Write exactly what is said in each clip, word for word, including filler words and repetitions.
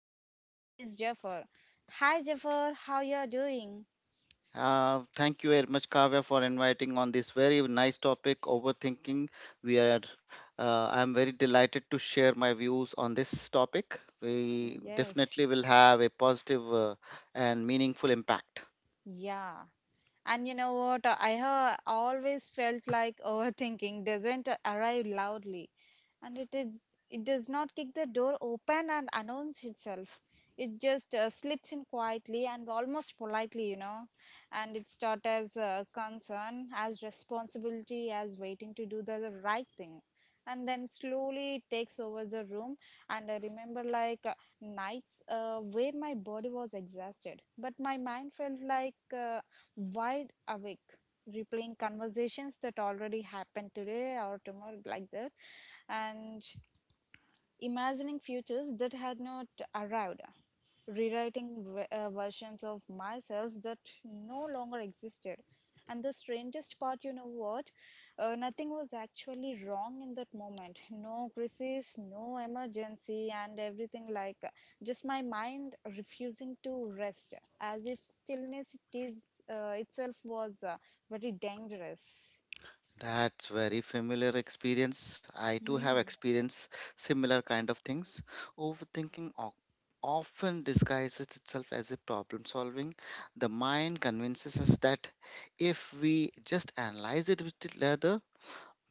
and the co-host is Jafar. Hi Jafar, how you are doing? Uh, thank you very much, Kavya, for inviting on this very nice topic, overthinking. We are, uh, I'm very delighted to share my views on this topic. We Yes. definitely will have a positive uh, and meaningful impact. Yeah. And you know what? I ha- always felt like overthinking doesn't arrive loudly, and it is it does not kick the door open and announce itself. It just uh, slips in quietly and almost politely, you know. And it's taught as uh, concern, as responsibility, as waiting to do the, the right thing. And then slowly it takes over the room. And I remember like uh, nights uh, where my body was exhausted, but my mind felt like. Uh, wide awake, replaying conversations that already happened today or tomorrow like that, and imagining futures that had not arrived, rewriting ve- uh, versions of myself that no longer existed. And the strangest part, you know what? Uh, nothing was actually wrong in that moment. No crisis, no emergency, and everything like uh, just my mind refusing to rest, as if stillness it is, uh, itself was uh, very dangerous. That's very familiar experience. I too have Mm, experienced similar kind of things. Overthinking o- often disguises itself as a problem solving. The mind convinces us that if we just analyze it with the leather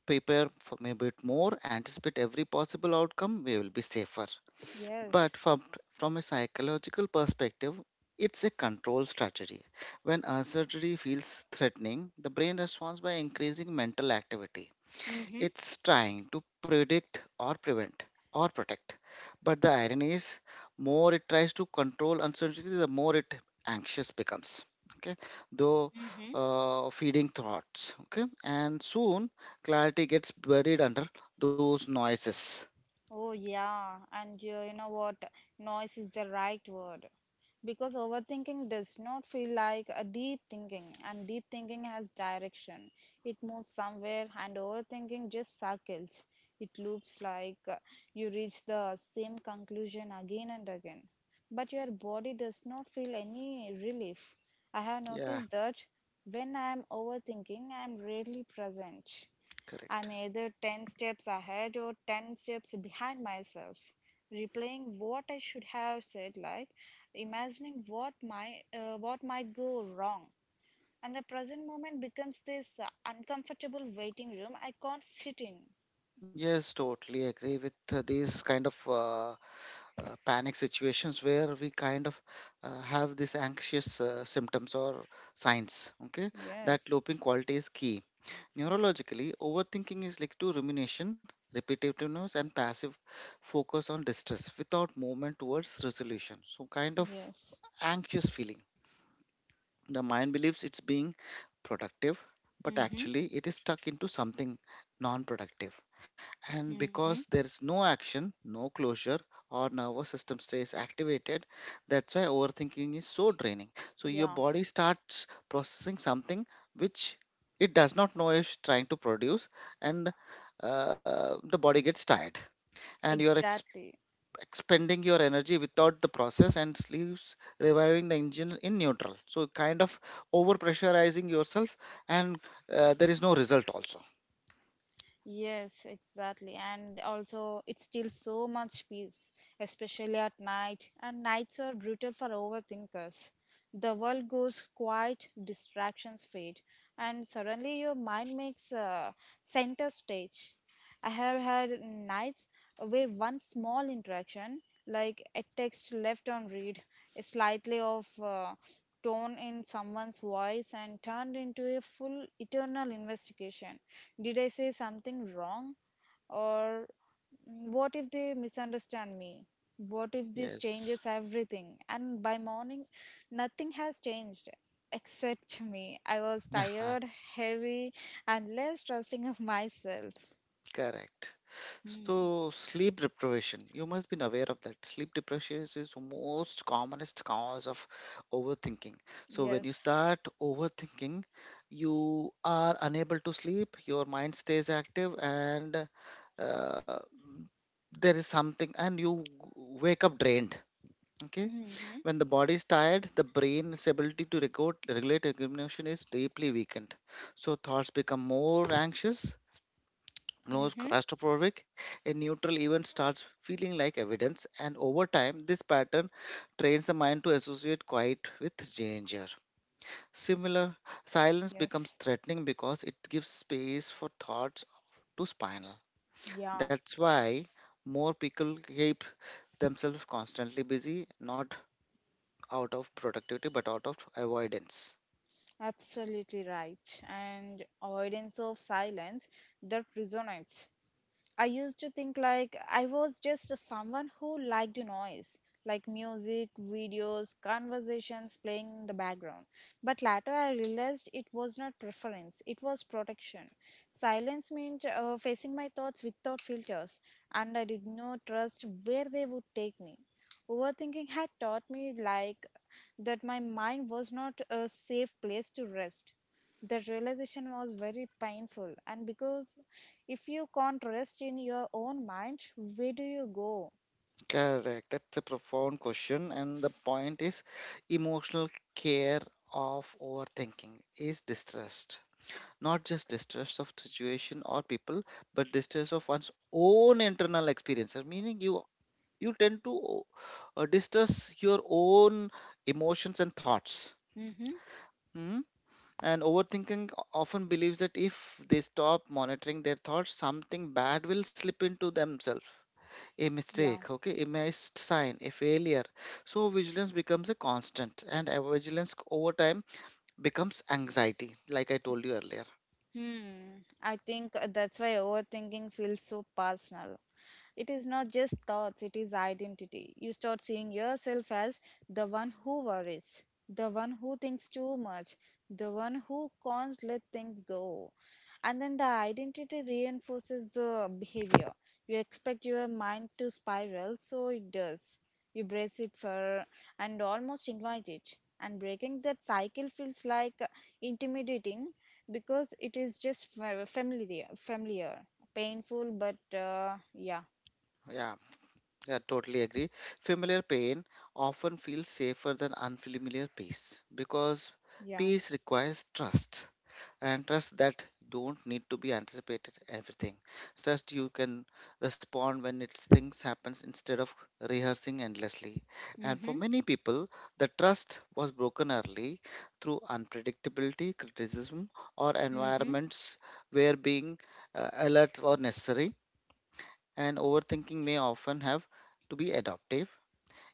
prepare for a bit more, anticipate every possible outcome, we will be safer. yes. But from, from a psychological perspective, it's a control strategy. When uncertainty feels threatening, the brain responds by increasing mental activity. Mm-hmm. It's trying to predict or prevent or protect. But the irony is, more it tries to control uncertainty, the more it anxious becomes. Okay, though uh, feeding thoughts. Okay, and soon clarity gets buried under those noises. Oh, yeah. And you you know what? Noise is the right word. Because overthinking does not feel like a deep thinking, and deep thinking has direction. It moves somewhere, and overthinking just circles. It loops like uh, you reach the same conclusion again and again. But your body does not feel any relief. I have Yeah, noticed that when I am overthinking, I am rarely present. I'm correct. either ten steps ahead or ten steps behind myself, replaying what I should have said, like imagining what my uh, what might go wrong. And the present moment becomes this uh, uncomfortable waiting room I can't sit in. Yes, totally agree with uh, these kind of uh, uh, panic situations where we kind of uh, have this anxious uh, symptoms or signs, okay, that Yes, looping quality is key. Neurologically, overthinking is linked to rumination, repetitiveness, and passive focus on distress without movement towards resolution. So kind of yes. anxious feeling, the mind believes it's being productive, but Mm-hmm. actually it is stuck into something non productive. And Mm-hmm. because there's no action, no closure, our nervous system stays activated. That's why overthinking is so draining. So your Yeah, body starts processing something which it does not know is trying to produce, and uh, the body gets tired. And you're ex- exactly. expending your energy without the process and leaves reviving the engine in neutral. So kind of over pressurizing yourself, and uh, there is no result also. Yes, exactly. And also, it steals so much peace, especially at night. And nights are brutal for overthinkers. The world goes quiet, distractions fade, and suddenly your mind makes a center stage. I have had nights where one small interaction, like a text left on read, a slightly off uh, tone in someone's voice, and turned into a full eternal investigation. Did I say something wrong? Or mm, what if they misunderstand me? What if this Yes, changes everything? And by morning, nothing has changed except me. I was tired, heavy, and less trusting of myself. correct. Hmm. So sleep deprivation, you must be aware of that. Sleep deprivation is the most commonest cause of overthinking. So when you Yes. start overthinking, you are unable to sleep, your mind stays active, and uh, there is something, and you wake up drained. Okay, Mm-hmm. when the body is tired, the brain's ability to record, regulate emotion is deeply weakened. So thoughts become more anxious, knows Mm-hmm. claustrophobic, a neutral event starts feeling like evidence, and over time, this pattern trains the mind to associate quiet with danger. Similar, silence becomes Yes. threatening because it gives space for thoughts to spinal. Yeah, That's why more people keep themselves constantly busy, not out of productivity but out of avoidance. absolutely right. And avoidance of silence, that resonates. I used to think like I was just someone who liked noise, like music, videos, conversations playing in the background. But later I realized it was not preference, it was protection. Silence meant uh, facing my thoughts without filters, and I did not trust where they would take me. Overthinking had taught me like that my mind was not a safe place to rest. That realization was very painful, and because if you can't rest in your own mind, where do you go? Correct. That's a profound question. And the point is emotional care of overthinking is distrust. Not just distrust of situation or people, but distrust of one's own internal experiences. Meaning you you tend to uh, distrust your own emotions and thoughts. Mm-hmm. Hmm? And overthinking often believes that if they stop monitoring their thoughts, something bad will slip into themselves, a Yeah. mistake, okay, a missed sign, a failure. So vigilance becomes a constant, and our vigilance over time becomes anxiety, like I told you earlier. Hmm. I think uh, that's why overthinking feels so personal. It is not just thoughts, it is identity. You start seeing yourself as the one who worries, the one who thinks too much, the one who can't let things go. And then the identity reinforces the behavior. You expect your mind to spiral, so it does. You brace it for and almost invite it. And breaking that cycle feels like intimidating, because it is just fa- familiar familiar, painful, but uh, yeah. Yeah, yeah, totally agree. Familiar pain often feels safer than unfamiliar peace because Yeah. peace requires trust, and trust that don't need to be anticipated everything, trust you can respond when it's things happens instead of rehearsing endlessly. And for Mm-hmm. many people, the trust was broken early through unpredictability, criticism, or Mm-hmm. environments where being uh, alert or necessary, and overthinking may often have to be adaptive.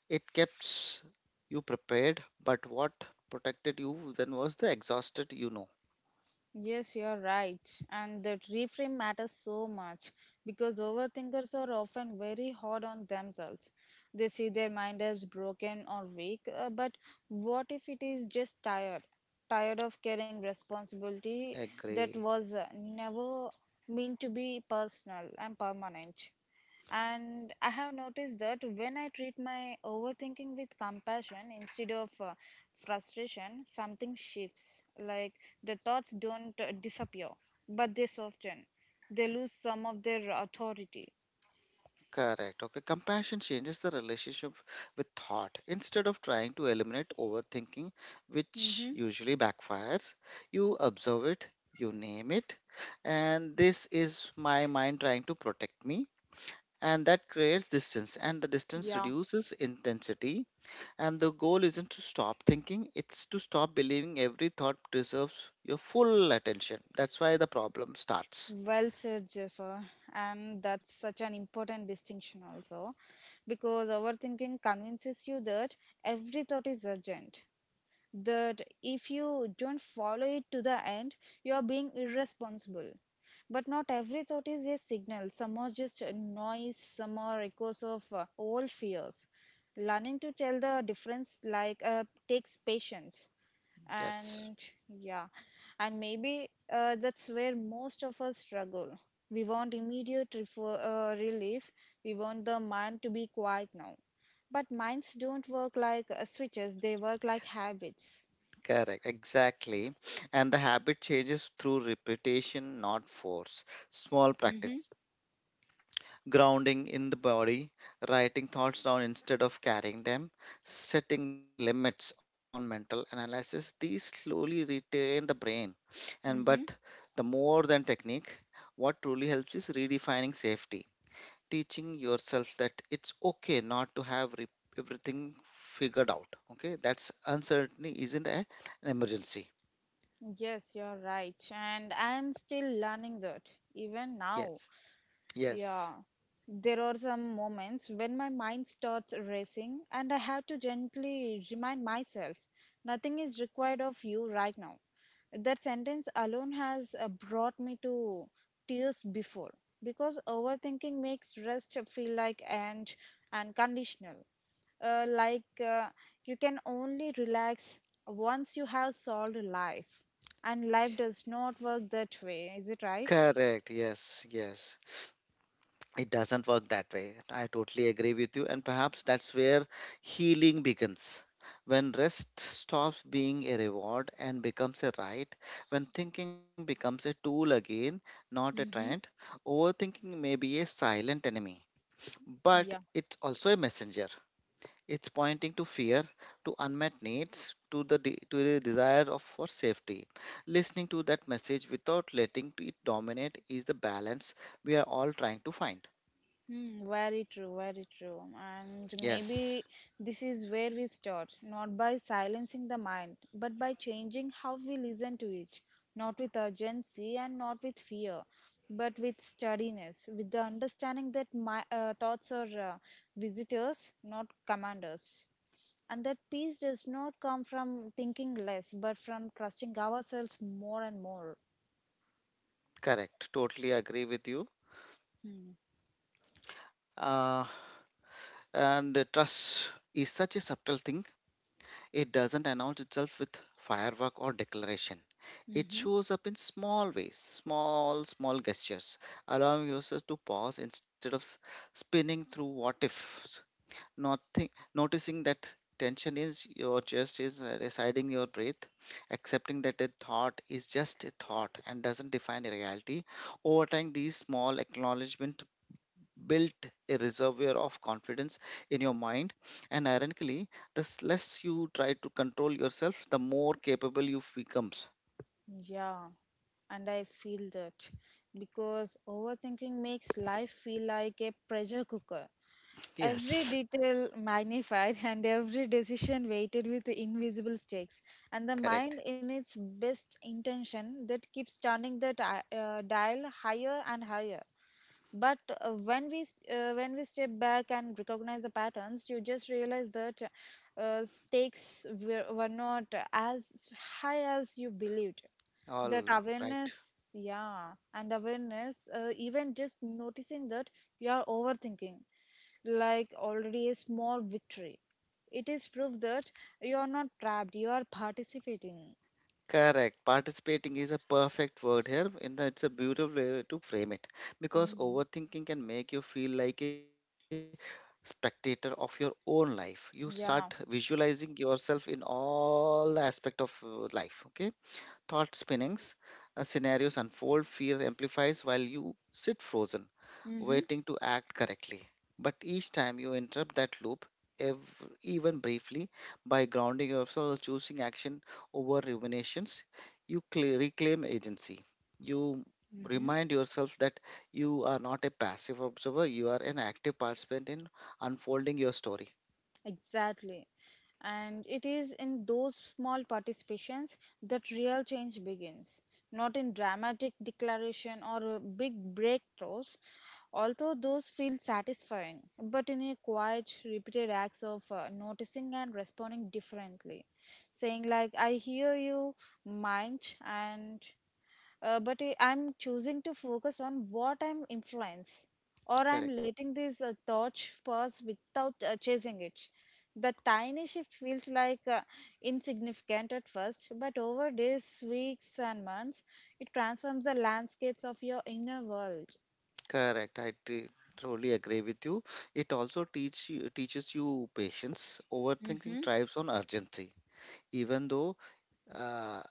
It kept you prepared, but what protected you then was the exhausted, you know, Yes, you're right. And that reframe matters so much, because overthinkers are often very hard on themselves. They see their mind as broken or weak, uh, but what if it is just tired, tired of carrying responsibility that agree. was uh, never meant to be personal and permanent. And I have noticed that when I treat my overthinking with compassion instead of uh, frustration, something shifts. Like, the thoughts don't uh, disappear, but they soften. They lose some of their authority. Correct. Okay. Compassion changes the relationship with thought. Instead of trying to eliminate overthinking, which Mm-hmm. usually backfires, you observe it, you name it, and this is my mind trying to protect me. And that creates distance, and the distance Yeah. reduces intensity. And the goal isn't to stop thinking, it's to stop believing every thought deserves your full attention. That's why the problem starts. Well said, Jaffer. And that's such an important distinction also, because overthinking convinces you that every thought is urgent, that if you don't follow it to the end, you are being irresponsible. But not every thought is a signal. Some are just a noise, some are echoes of uh, old fears. Learning to tell the difference like uh, takes patience Yes. and yeah. And maybe uh, that's where most of us struggle. We want immediate refer- uh, relief. We want the mind to be quiet now, but minds don't work like uh, switches, they work like habits. Correct, exactly. And the habit changes through repetition, not force. Small Mm-hmm. practice. Grounding in the body, writing thoughts down instead of carrying them, setting limits on mental analysis. These slowly retain the brain. And but Mm-hmm. the more than technique, what truly helps is redefining safety, teaching yourself that it's okay not to have re- everything figured out. Okay, that's uncertainty isn't a, an emergency. Yes, you're right. And I'm still learning that even now. Yes. Yes, Yeah, there are some moments when my mind starts racing, and I have to gently remind myself, nothing is required of you right now. That sentence alone has uh, brought me to tears before, because overthinking makes rest feel like and and conditional. Uh, like uh, you can only relax once you have solved life, and life does not work that way. Is it right? correct. Yes, yes. It doesn't work that way. I totally agree with you. And perhaps that's where healing begins. When rest stops being a reward and becomes a right, when thinking becomes a tool again, not a Mm-hmm. trend, overthinking may be a silent enemy, but it's also a messenger. It's pointing to fear, to unmet needs, to the de- to the desire of for safety. Listening to that message without letting it dominate is the balance we are all trying to find. Hmm, very true, very true. And Yes, maybe this is where we start, not by silencing the mind, but by changing how we listen to it, not with urgency and not with fear, but with steadiness, with the understanding that my uh, thoughts are uh, visitors, not commanders. And that peace does not come from thinking less, but from trusting ourselves more and more. correct. Totally agree with you. Hmm. Uh, and uh, Trust is such a subtle thing. It doesn't announce itself with firework or declaration. It Mm-hmm. shows up in small ways, small, small gestures, allowing yourself to pause instead of s- spinning through what ifs. Nothing, noticing that tension is your chest is uh, residing your breath, accepting that a thought is just a thought and doesn't define a reality. Over time, these small acknowledgement built a reservoir of confidence in your mind. And ironically, the s- less you try to control yourself, the more capable you becomes. Yeah. And I feel that, because overthinking makes life feel like a pressure cooker. Every Yes, detail magnified and every decision weighted with invisible stakes, and the correct, mind, in its best intention, that keeps turning the di- uh, dial higher and higher. But uh, when we st- uh, when we step back and recognize the patterns, you just realize that uh, stakes were, were not as high as you believed. That all right. awareness, yeah. And awareness uh, even just noticing that you are overthinking, like already a small victory. It is proof that you are not trapped, you are participating. Correct. Participating is a perfect word here, and it's a beautiful way to frame it because Mm. overthinking can make you feel like a spectator of your own life. You start Yeah. visualizing yourself in all aspect of uh, life. Okay, thought spinnings, uh, scenarios unfold, fear amplifies while you sit frozen Mm-hmm. waiting to act correctly. But each time you interrupt that loop, ev- even briefly, by grounding yourself, choosing action over ruminations, you cl- reclaim agency. You Mm-hmm. remind yourself that you are not a passive observer, you are an active participant in unfolding your story. Exactly. And it is in those small participations that real change begins, not in dramatic declaration or uh, big breakthroughs, although those feel satisfying, but in a quiet, repeated acts of uh, noticing and responding differently. Saying, like, I hear you, mind, and uh, but I- I'm choosing to focus on what I'm influence, or I'm Correct. letting this uh, thought pass without uh, chasing it. The tiny shift feels like uh, insignificant at first, but over days, weeks, and months, it transforms the landscapes of your inner world. Correct. I t- truly agree with you. It also teach you, teaches you patience. Mm-hmm. Overthinking thrives on urgency, even though uh,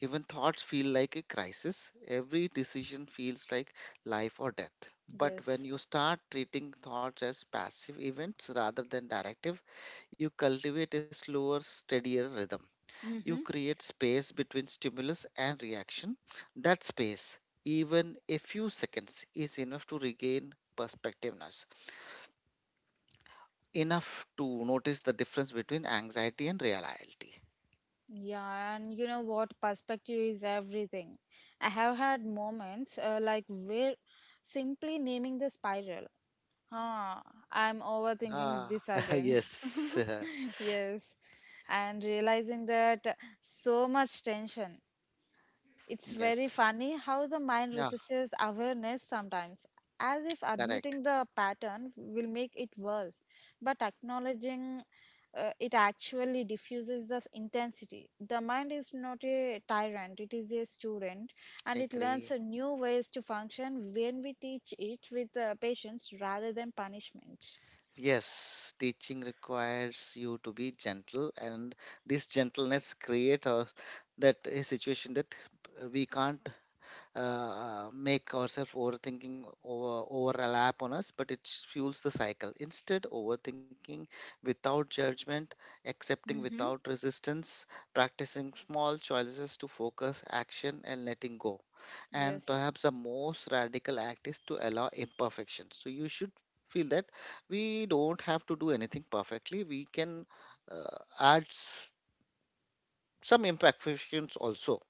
even thoughts feel like a crisis. Every decision feels like life or death. But when Yes. you start treating thoughts as passive events rather than directive, you cultivate a slower, steadier rhythm. You Mm-hmm. create space between stimulus and reaction. That space, even a few seconds, is enough to regain perspectiveness, enough to notice the difference between anxiety and reality. Yeah, and you know what? Perspective is everything. I have had moments uh, like where simply naming the spiral. Huh, I'm overthinking Ah, this again. yes, Yes, and realizing that so much tension. It's very yes, funny how the mind yeah, resists awareness sometimes, as if correct. admitting the pattern will make it worse. But acknowledging uh, it actually diffuses the intensity. The mind is not a tyrant, it is a student, and it learns Agree. uh, new ways to function when we teach it with uh, patience rather than punishment. Yes, teaching requires you to be gentle, and this gentleness create a, that a situation that uh, we can't uh, make ourselves overthinking over overlap on us, but it fuels the cycle. Instead, overthinking without judgment, accepting Mm-hmm. without resistance, practicing small choices to focus, action, and letting go. And Yes. perhaps the most radical act is to allow imperfection, so you should feel that we don't have to do anything perfectly, we can uh, add s- some imperfections also.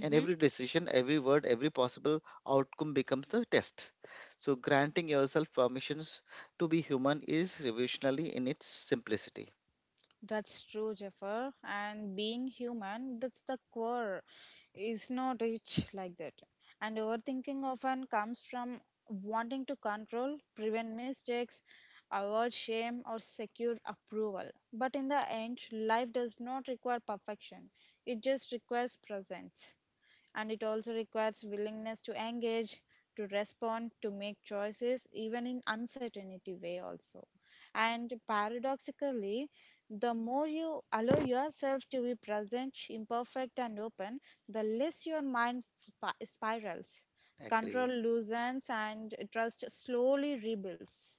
And every decision, every word, every possible outcome becomes the test. So granting yourself permissions to be human is revolutionary in its simplicity. That's true, Jaffer. And being human, that's the core, is not rich like that. And overthinking often comes from wanting to control, prevent mistakes, avoid shame, or secure approval. But in the end, life does not require perfection, it just requires presence. And it also requires willingness to engage, to respond, to make choices, even in uncertainty way also. And paradoxically, the more you allow yourself to be present, imperfect, and open, the less your mind sp- spirals. Control Agree. loosens and trust slowly rebuilds.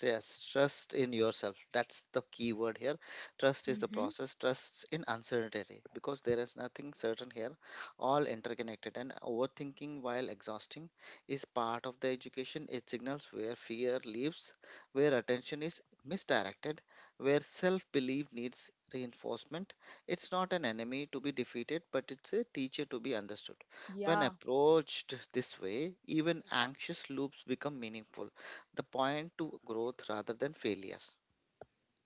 Yes, trust in yourself. That's the key word here. Trust is the Mm-hmm. process. Trust in uncertainty because there is nothing certain here, all interconnected. And overthinking while exhausting is part of the education. It signals where fear lives, where attention is misdirected, where self belief needs reinforcement. It's not an enemy to be defeated, but it's a teacher to be understood. When Yeah. approached this way, even anxious loops become meaningful, the point to growth rather than failure.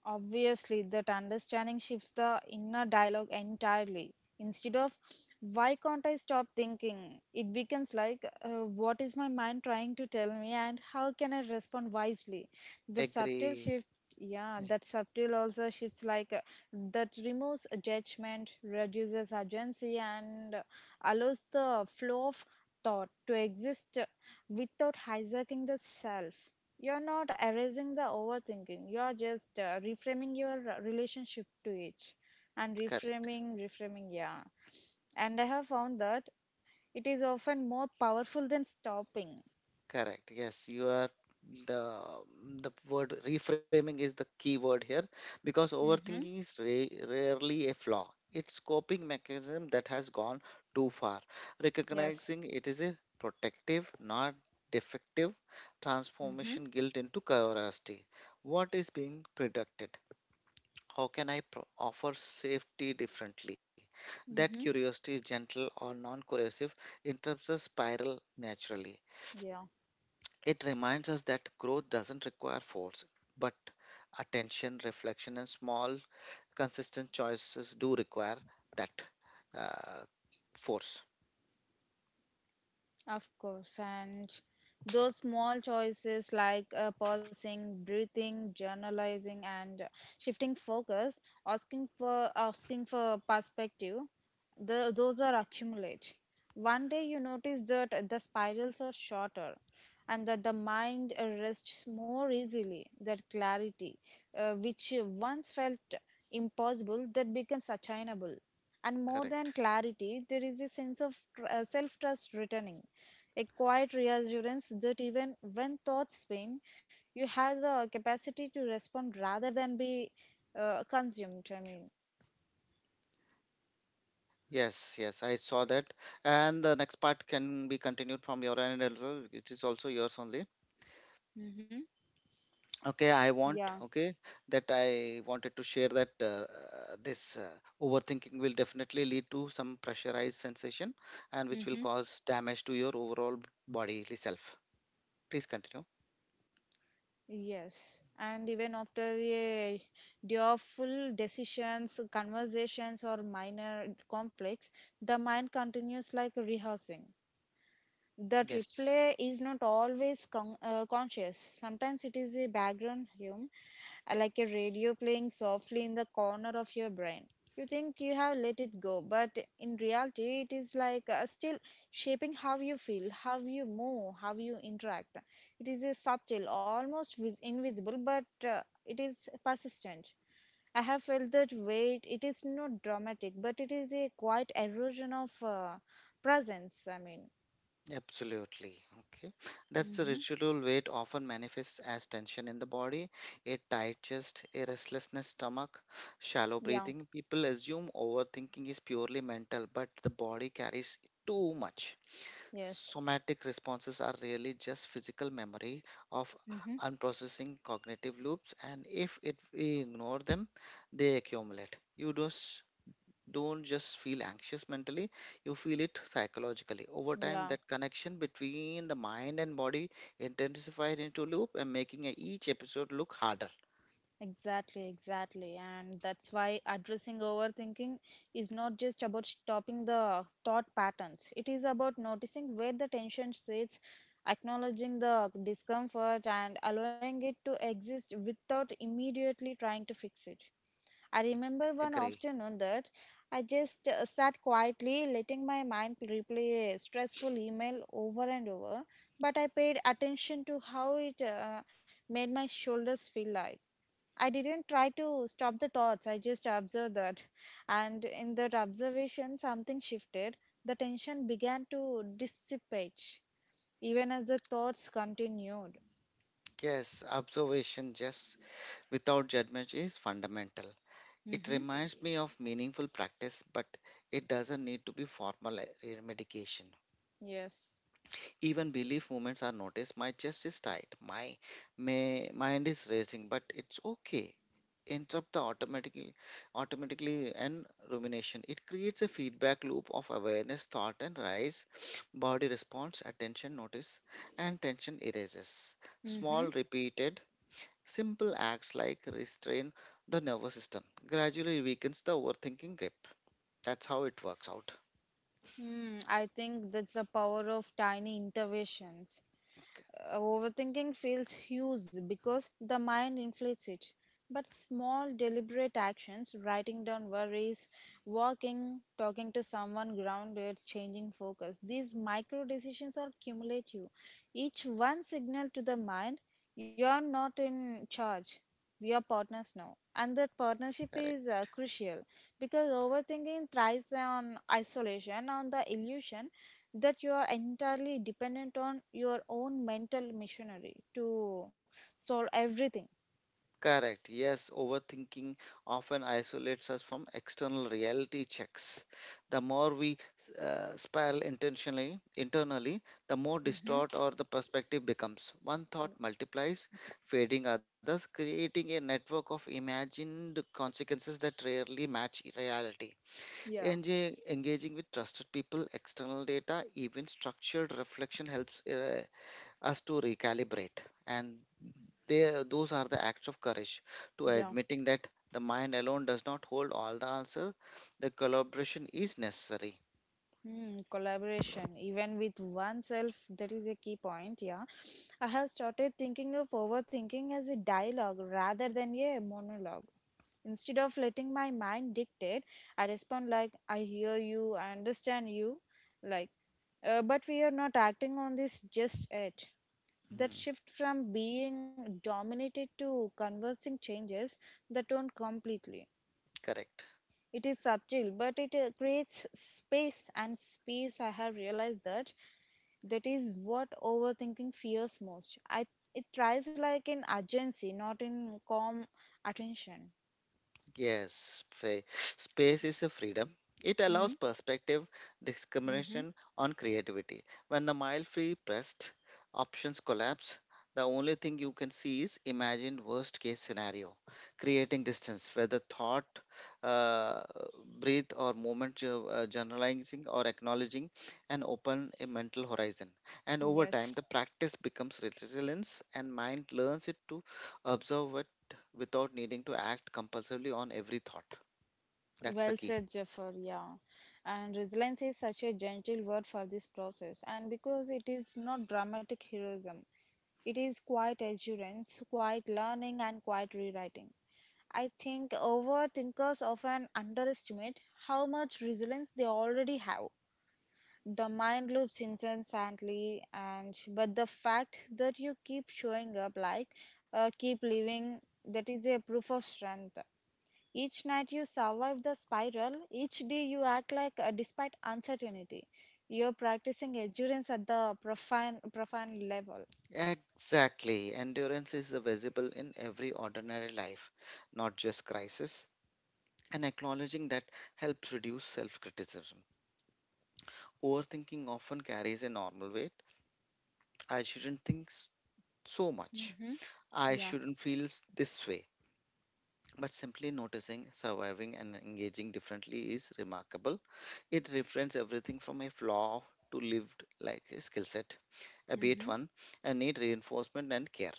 Obviously, that understanding shifts the inner dialogue entirely. Instead of why can't I stop thinking, it becomes like uh, what is my mind trying to tell me and how can I respond wisely. The subtle Agree. shift, yeah, Mm. that subtle also shifts like uh, that removes judgment, reduces urgency, and uh, allows the flow of thought to exist uh, without hijacking the self. You're not erasing the overthinking. You're just uh, reframing your uh, relationship to it and Correct. reframing, reframing, yeah. And I have found that it is often more powerful than stopping. Correct. Yes, you are, the the word reframing is the key word here because Mm-hmm. overthinking is ra- rarely a flaw. It's coping mechanism that has gone too far. Yes. Recognizing it is a protective, not defective Mm-hmm. transformation guilt into curiosity. What is being predicted? How can I pro- offer safety differently? That Mm-hmm. curiosity is gentle or non coercive, interrupts the spiral naturally. Yeah. It reminds us that growth doesn't require force, but attention, reflection, and small, consistent choices do require that uh, force. Of course, and those small choices like uh, pausing, breathing, journalizing, and shifting focus, asking for asking for perspective, the, those are accumulate. One day you notice that the spirals are shorter, and that the mind rests more easily. That clarity, uh, which once felt impossible, that becomes attainable. And more than Correct. clarity, there is a sense of tr- uh, self trust returning, a quiet reassurance that even when thoughts spin, you have the capacity to respond rather than be uh, consumed. I mean, Yes, yes, I saw that. And the next part can be continued from your end as well, which is also yours only. mm-hmm. Okay, I Yeah. want, okay, that I wanted to share that uh, this uh, overthinking will definitely lead to some pressurized sensation and which will Mm-hmm. cause damage to your overall bodily self. Please continue. Yes. And even after a day of full decisions, conversations, or minor conflicts, the mind continues like rehearsing. That Yes, replay is not always con- uh, conscious. Sometimes it is a background hum, uh, like a radio playing softly in the corner of your brain. You think you have let it go, but in reality, it is like uh, still shaping how you feel, how you move, how you interact. It is a subtle, almost vis- invisible, but uh, it is persistent. I have felt that weight. It is not dramatic, but it is a quiet erosion of uh, presence. I mean. absolutely, okay. That's the Mhm. residual weight often manifests as tension in the body, a tight chest, a restlessness stomach, shallow Yeah, breathing. People assume overthinking is purely mental, but the body carries too much. yes. Somatic responses are really just physical memory of Hmm. unprocessing cognitive loops, and if it, we ignore them, they accumulate. You just don't just feel anxious mentally, you feel it psychologically. Over time, Yeah, that connection between the mind and body intensified into loop and making a- each episode look harder. exactly, exactly. And that's why addressing overthinking is not just about stopping the thought patterns. It is about noticing where the tension sits, acknowledging the discomfort, and allowing it to exist without immediately trying to fix it. I remember one Agree. afternoon that I just uh, sat quietly, letting my mind replay a stressful email over and over, but I paid attention to how it uh, made my shoulders feel like. I didn't try to stop the thoughts, I just observed that. And in that observation, something shifted. The tension began to dissipate, even as the thoughts continued. Yes, observation just without judgment is fundamental. It Hmm. reminds me of meaningful practice, but it doesn't need to be formal eh, medication. Yes. Even belief movements are noticed. My chest is tight, my, my mind is racing, but it's okay. Interrupt the automatically, automatically and rumination. It creates a feedback loop of awareness, thought, and rise. Body response, attention notice, and tension erases. Small Hmm. repeated simple acts like restrain the nervous system gradually weakens the overthinking grip. That's how it works out. Hmm, I think that's the power of tiny interventions. Uh, Overthinking feels huge because the mind inflates it. But small, deliberate actions, writing down worries, walking, talking to someone grounded, changing focus, these micro decisions are cumulative. Each one signal to the mind, you're not in charge. We are partners now. And that partnership is Correct. uh, crucial because overthinking thrives on isolation, on the illusion that you are entirely dependent on your own mental machinery to solve everything. Correct. Yes, overthinking often isolates us from external reality checks. The more we uh, spiral intentionally, internally, the more Mm-hmm. distort or the perspective becomes. One thought multiplies, fading others, creating a network of imagined consequences that rarely match reality. Yeah. Enga- engaging with trusted people, external data, even structured reflection helps uh, us to recalibrate. And they, those are the acts of courage to Yeah. admitting that the mind alone does not hold all the answer. The collaboration is necessary. Hmm, collaboration, even with oneself, that is a key point. Yeah. I have started thinking of overthinking as a dialogue rather than a monologue. Instead of letting my mind dictate, I respond like, I hear you, I understand you. Like, Uh, but we are not acting on this just yet. That Mhm. shift from being dominated to conversing changes the tone completely. Correct. It is subtle, but it uh, creates space, and space, I have realized that that is what overthinking fears most. I it thrives like in urgency, not in calm attention. Yes, fa- space is a freedom. It allows Mm-hmm. perspective, Mm-hmm. discrimination on creativity. When the mile free pressed options collapse, the only thing you can see is imagined worst case scenario, creating distance, whether thought, uh, breathe, or moment jo- uh, generalizing or acknowledging and open a mental horizon. And over time, Yes. the practice becomes resilience and mind learns it to observe without needing to act compulsively on every thought. That's the Well key. said, Jafar. Yeah. And resilience is such a gentle word for this process. And because it is not dramatic heroism, it is quiet assurance, quiet learning, and quiet rewriting. I think overthinkers often underestimate how much resilience they already have. The mind loops incessantly, and but the fact that you keep showing up, like uh, keep living, that is a proof of strength. Each night you survive the spiral, each day you act like uh, despite uncertainty. You're practicing endurance at the profound, profound level. Exactly. Endurance is visible in every ordinary life, not just crisis. And acknowledging that helps reduce self criticism. Overthinking often carries a normal weight. I shouldn't think s- so much. Hmm. I Yeah. shouldn't feel s- this way. But simply noticing, surviving, and engaging differently is remarkable. It reframes everything from a flaw to lived like a skill set. Abate Mm-hmm. one and need reinforcement and care.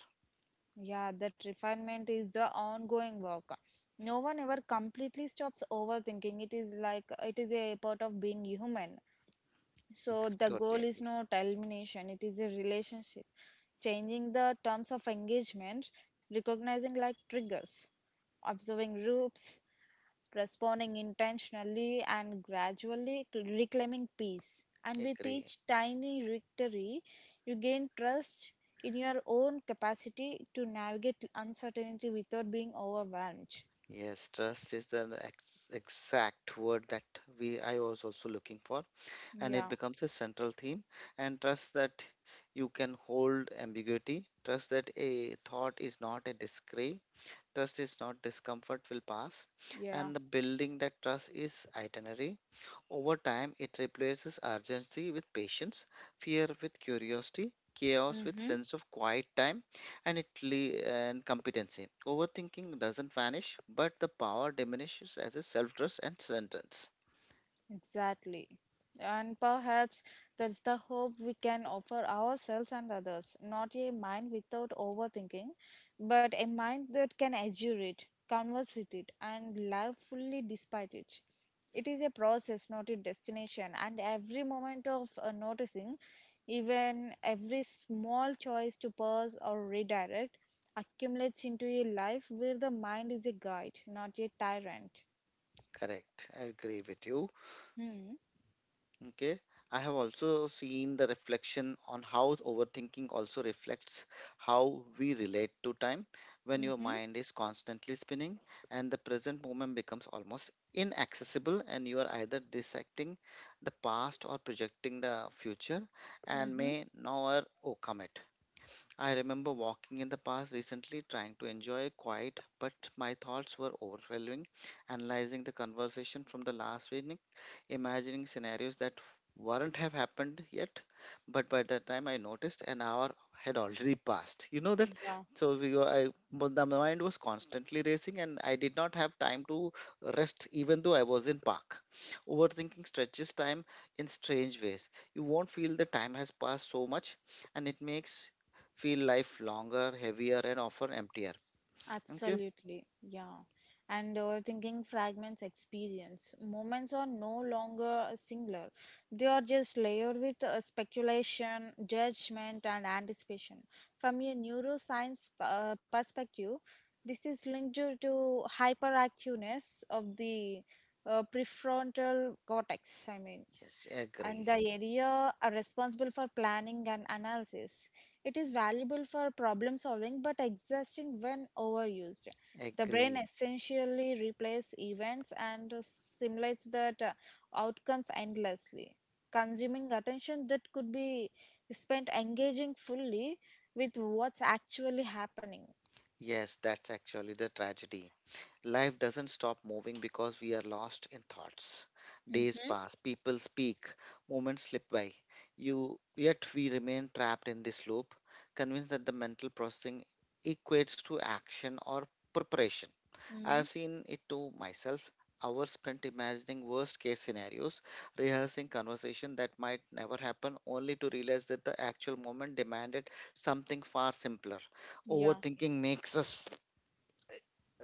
Yeah, that refinement is the ongoing work. No one ever completely stops overthinking. It is like it is a part of being human. So the Totally goal is agree. not elimination, it is a relationship. Changing the terms of engagement, recognizing like triggers. Observing groups, responding intentionally, and gradually reclaiming peace. And with Agree. each tiny victory, you gain trust in your own capacity to navigate uncertainty without being overwhelmed. Yes, trust is the ex- exact word that we I was also looking for, and it Yeah, becomes a central theme. And trust that you can hold ambiguity. Trust that a thought is not a discrete. Trust is not discomfort will pass, yeah. and the building that trust is itinerary. Over time, it replaces urgency with patience, fear with curiosity, chaos with Mm-hmm. sense of quiet time, and it le- and competency. Overthinking doesn't vanish, but the power diminishes as a self-trust and sentence. Exactly. And perhaps that's the hope we can offer ourselves and others. Not a mind without overthinking, but a mind that can endure it, converse with it, and live fully despite it. It is a process, not a destination, and every moment of uh, noticing, even every small choice to pause or redirect, accumulates into a life where the mind is a guide, not a tyrant. Correct. I agree with you. Hmm. Okay, I have also seen the reflection on how overthinking also reflects how we relate to time when your Mm-hmm. mind is constantly spinning and the present moment becomes almost inaccessible, and you are either dissecting the past or projecting the future and Mm-hmm. may never overcome it. I remember walking in the past recently trying to enjoy a quiet, but my thoughts were overwhelming, analyzing the conversation from the last evening, imagining scenarios that wouldn't have happened yet. But by the time I noticed, an hour had already passed. You know that? Yeah. So we, were- I, but the mind was constantly racing, and I did not have time to rest, even though I was in park. Overthinking stretches time in strange ways. You won't feel the time has passed so much, and it makes feel life longer, heavier, and often emptier. Okay? Absolutely, yeah. And uh, thinking fragments experience. Moments are no longer singular, they are just layered with uh, speculation, judgment, and anticipation. From a neuroscience uh, perspective, this is linked to to hyperactiveness of the uh, prefrontal cortex, I mean, Yes, agree. and the area are responsible for planning and analysis. It is valuable for problem solving but exhausting when overused. The brain Agree. essentially replays events and simulates that uh, outcomes endlessly, consuming attention that could be spent engaging fully with what's actually happening. Yes, that's actually the tragedy. Life doesn't stop moving because we are lost in thoughts. Days Mm-hmm. pass, people speak, moments slip by. You yet we remain trapped in this loop, convinced that the mental processing equates to action or preparation. Hmm. I've seen it to myself. Hours spent imagining worst case scenarios, rehearsing conversation that might never happen, only to realize that the actual moment demanded something far simpler. Yeah. Overthinking makes us sp-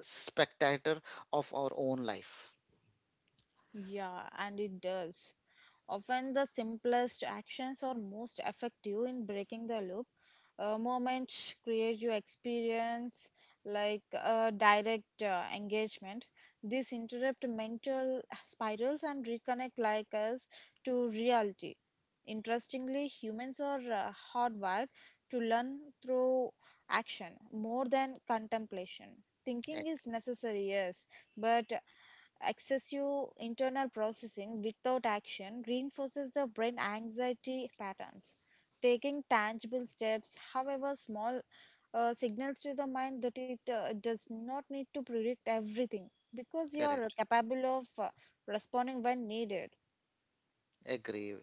spectator of our own life. Yeah, and it does. Often the simplest actions are most effective in breaking the loop. A moment creates your experience like a direct uh, engagement. This interrupt mental spirals and reconnect like us to reality. Interestingly, humans are uh, hardwired to learn through action more than contemplation. Thinking Ag- is necessary, yes, but excessive internal processing without action reinforces the brain anxiety patterns. Taking tangible steps, however small, uh, signals to the mind that it uh, does not need to predict everything because you are correct. capable of uh, responding when needed. Agree.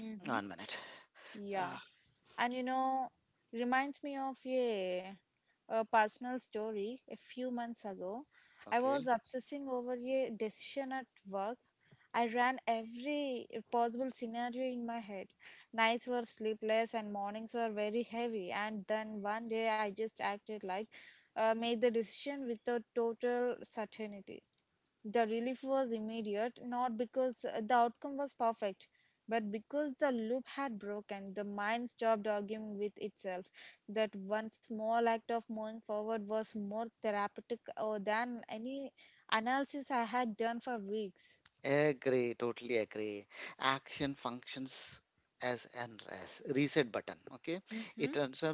Hmm. One minute. Yeah. Ah, And you know, reminds me of a, a personal story. A few months ago, I was okay. obsessing over a decision at work. I ran every possible scenario in my head. Nights were sleepless and mornings were very heavy. And then one day I just acted like uh, made the decision without total certainty. The relief was immediate, not because uh, the outcome was perfect, but because the loop had broken. The mind stopped arguing with itself. That one small act of moving forward was more therapeutic uh, than any analysis I had done for weeks. Agree, totally agree. Action functions as an res- reset button. Okay, it Mm-hmm. interrupts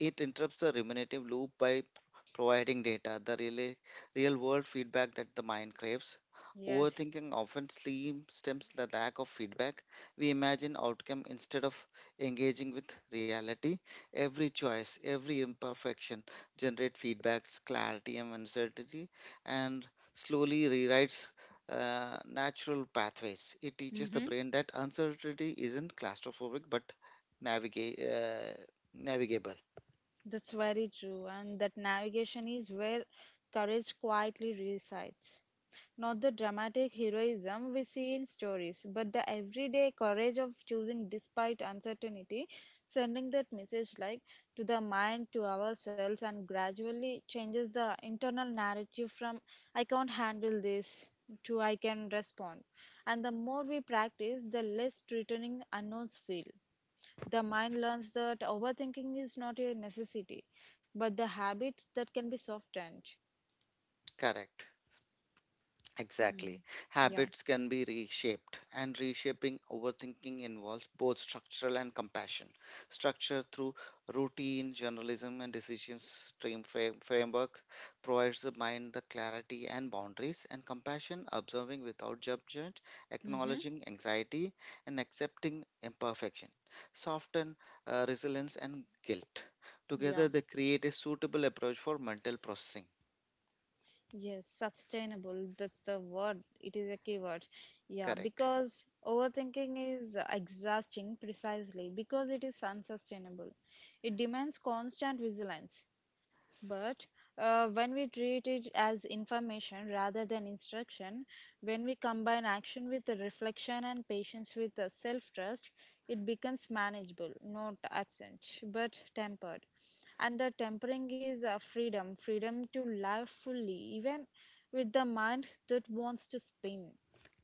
it interrupts the ruminative loop by p- providing data, the real real world feedback that the mind craves. Yes. Overthinking often slim- stems the lack of feedback. We imagine outcome instead of engaging with reality. Every choice, every imperfection generate feedbacks, clarity and uncertainty, and slowly rewrites uh, natural pathways. It teaches the Mm-hmm. brain that uncertainty isn't claustrophobic but navigate uh, navigable. That's very true, and that navigation is where courage quietly resides. Not the dramatic heroism we see in stories, but the everyday courage of choosing despite uncertainty, sending that message like to the mind, to ourselves, and gradually changes the internal narrative from I can't handle this to I can respond. And the more we practice, the less threatening unknowns feel. The mind learns that overthinking is not a necessity, but the habit that can be softened. Correct. Exactly. Hmm. Yeah. Habits can be reshaped, and reshaping overthinking involves both structural and compassion. Structure through routine, journalism, and decision stream frame, framework provides the mind the clarity and boundaries, and compassion, observing without judgment, Mm-hmm. acknowledging anxiety, and accepting imperfection, soften uh, resilience and guilt. Together, Yeah. they create a suitable approach for mental processing. Yes, sustainable. That's the word. It is a keyword. Yeah, Correct. because overthinking is exhausting precisely because it is unsustainable. It demands constant vigilance. But uh, when we treat it as information rather than instruction, when we combine action with the reflection and patience with the self trust, it becomes manageable, not absent, but tempered. And the tempering is uh, freedom freedom to live fully, even with the mind that wants to spin.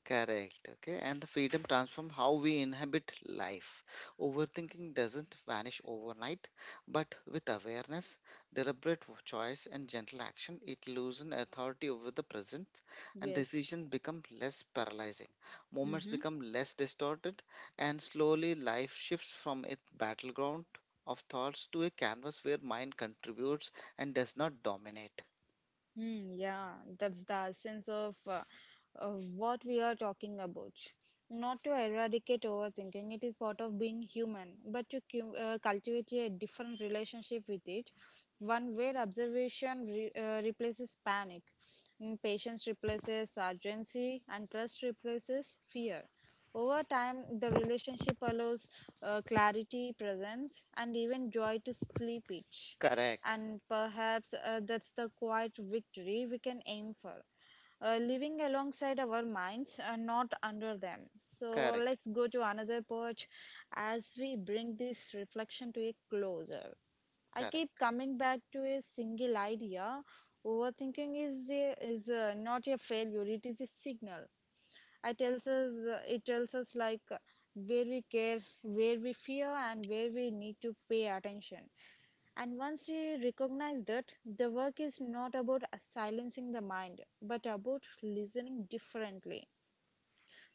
Correct. Okay. And the freedom transforms how we inhabit life. Overthinking doesn't vanish overnight, but with awareness, deliberate w- choice, and gentle action, it loses authority over the present, and Yes. decisions become less paralyzing. Moments Mhm. become less distorted, and slowly life shifts from its battleground of thoughts to a canvas where mind contributes and does not dominate. Hmm, yeah, that's the sense of, uh, of what we are talking about. Not to eradicate overthinking, it is part of being human, but to cu- uh, cultivate a different relationship with it, one where observation re- uh, replaces panic, and patience replaces urgency, and trust replaces fear. Over time, the relationship allows uh, clarity, presence, and even joy to sleep it Correct. and perhaps uh, that's the quiet victory we can aim for. Uh, living alongside our minds, uh, not under them. So Correct. let's go to another perch as we bring this reflection to a closer. I keep Correct. coming back to a single idea. Overthinking is a, is uh not a failure; it is a signal. I tells us uh, it tells us like uh, where we care, where we fear, and where we need to pay attention. And once we recognize that, the work is not about uh, silencing the mind, but about listening differently,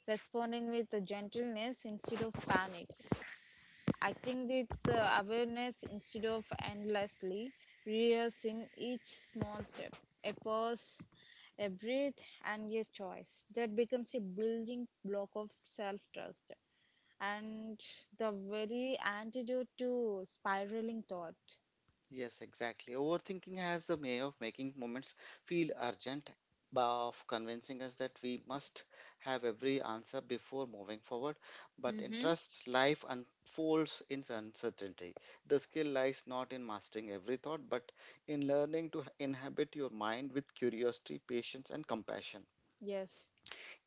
responding with gentleness instead of panic, acting with uh, awareness instead of endlessly rehearsing each small step, a pause, a breath, and a choice that becomes a building block of self trust and the very antidote to spiraling thought. Yes, exactly. Overthinking has the way of making moments feel urgent, by of convincing us that we must have every answer before moving forward. But in Mm-hmm. trust, life unfolds in uncertainty. The skill lies not in mastering every thought, but in learning to inhabit your mind with curiosity, patience, and compassion. Yes.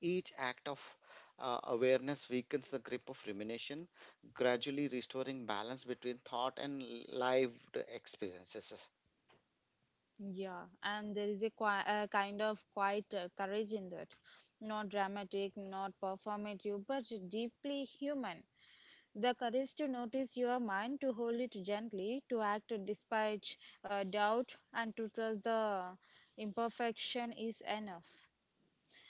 Each act of uh, awareness weakens the grip of rumination, gradually restoring balance between thought and lived experiences. Yeah, and there is a, qui- a kind of quiet uh, courage in that. Not dramatic, not performative, but deeply human. The courage to notice your mind, to hold it gently, to act despite uh, doubt, and to trust the imperfection is enough.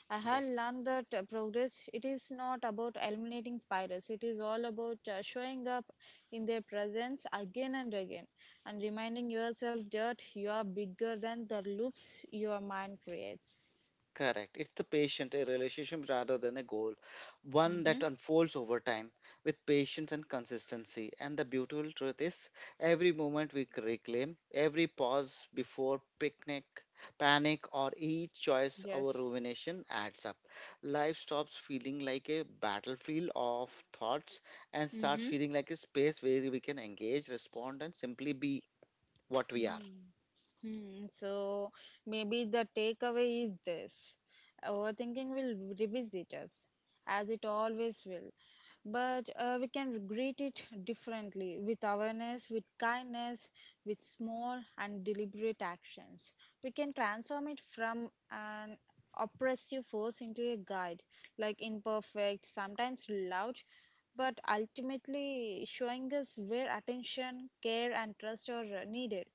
I had Yes, learned that uh, progress it is not about eliminating spiders. It is all about uh, showing up in their presence again and again, and reminding yourself that you are bigger than the loops your mind creates. correct. It's the patient, a relationship rather than a goal, one Mm-hmm. that unfolds over time with patience and consistency. And the beautiful truth is, every moment we c- reclaim, every pause before picnic, panic, or each choice our Yes. rumination adds up. Life stops feeling like a battlefield of thoughts and starts Mm-hmm. feeling like a space where we can engage, respond, and simply be what we are. Mm. Hmm, so maybe the takeaway is this overthinking will revisit us as it always will but uh, we can greet it differently with awareness with kindness with small and deliberate actions we can transform it from an oppressive force into a guide like imperfect sometimes loud but ultimately showing us where attention care and trust are uh, needed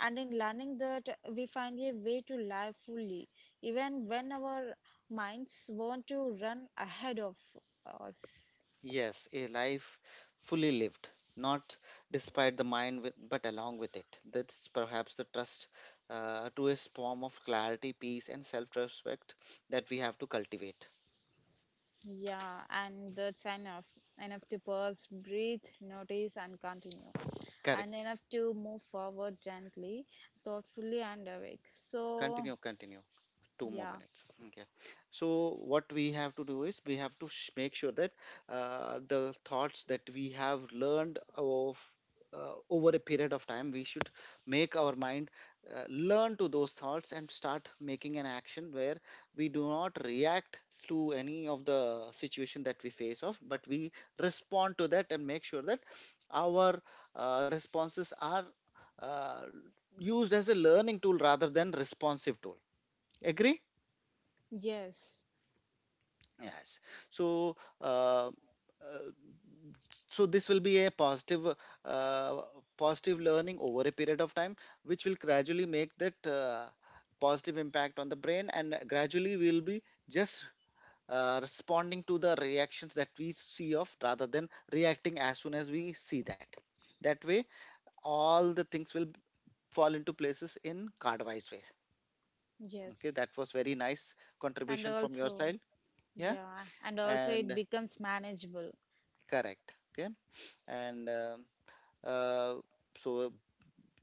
and in learning that we find a way to live fully even when our minds want to run ahead of us. Yes, a life fully lived, not despite the mind, with, but along with it. That's perhaps the trust, uh, to a form of clarity, peace, and self-respect that we have to cultivate. Yeah, and that's enough. Enough to pause, breathe, notice, and continue. And Correct. enough to move forward gently, thoughtfully, and awake. So, Continue, continue. Two more yeah, minutes, okay? So what we have to do is we have to sh- make sure that uh, the thoughts that we have learned of uh, over a period of time we should make our mind uh, learn to those thoughts and start making an action where we do not react to any of the situation that we face off but we respond to that and make sure that our uh, responses are uh, used as a learning tool rather than responsive tool. Agree. yes, Yes. So, uh, uh, so this will be a positive, uh, positive learning over a period of time, which will gradually make that uh, positive impact on the brain, and gradually we'll be just uh, responding to the reactions that we see of, rather than reacting as soon as we see that. That way, all the things will fall into places in card-wise way. Okay, yes. that was very nice And contribution from your also, side. Yeah, yeah, and also it and becomes manageable. correct. Okay. and um uh, so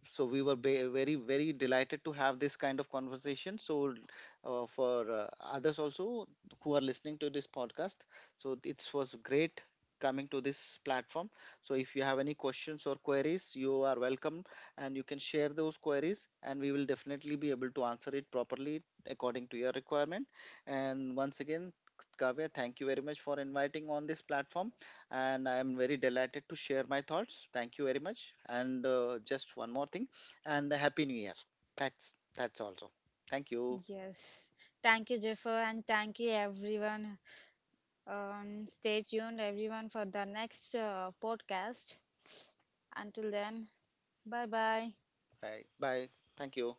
so we were ba- very very delighted to have this kind of conversation. So uh, for uh, others also who are listening to this podcast, so it was great coming to this platform. So if you have any questions or queries, you are welcome, and you can share those queries and we will definitely be able to answer it properly according to your requirement. And once again, Kavya, thank you very much for inviting on this platform, and I am very delighted to share my thoughts. Thank you very much. And uh, just one more thing, and happy new year. That's that's also. Thank you. Yes. Thank you, Jaffer, and thank you, everyone. Um, stay tuned, everyone, for the next uh, podcast. Until then, bye bye. Bye. Bye. Thank you.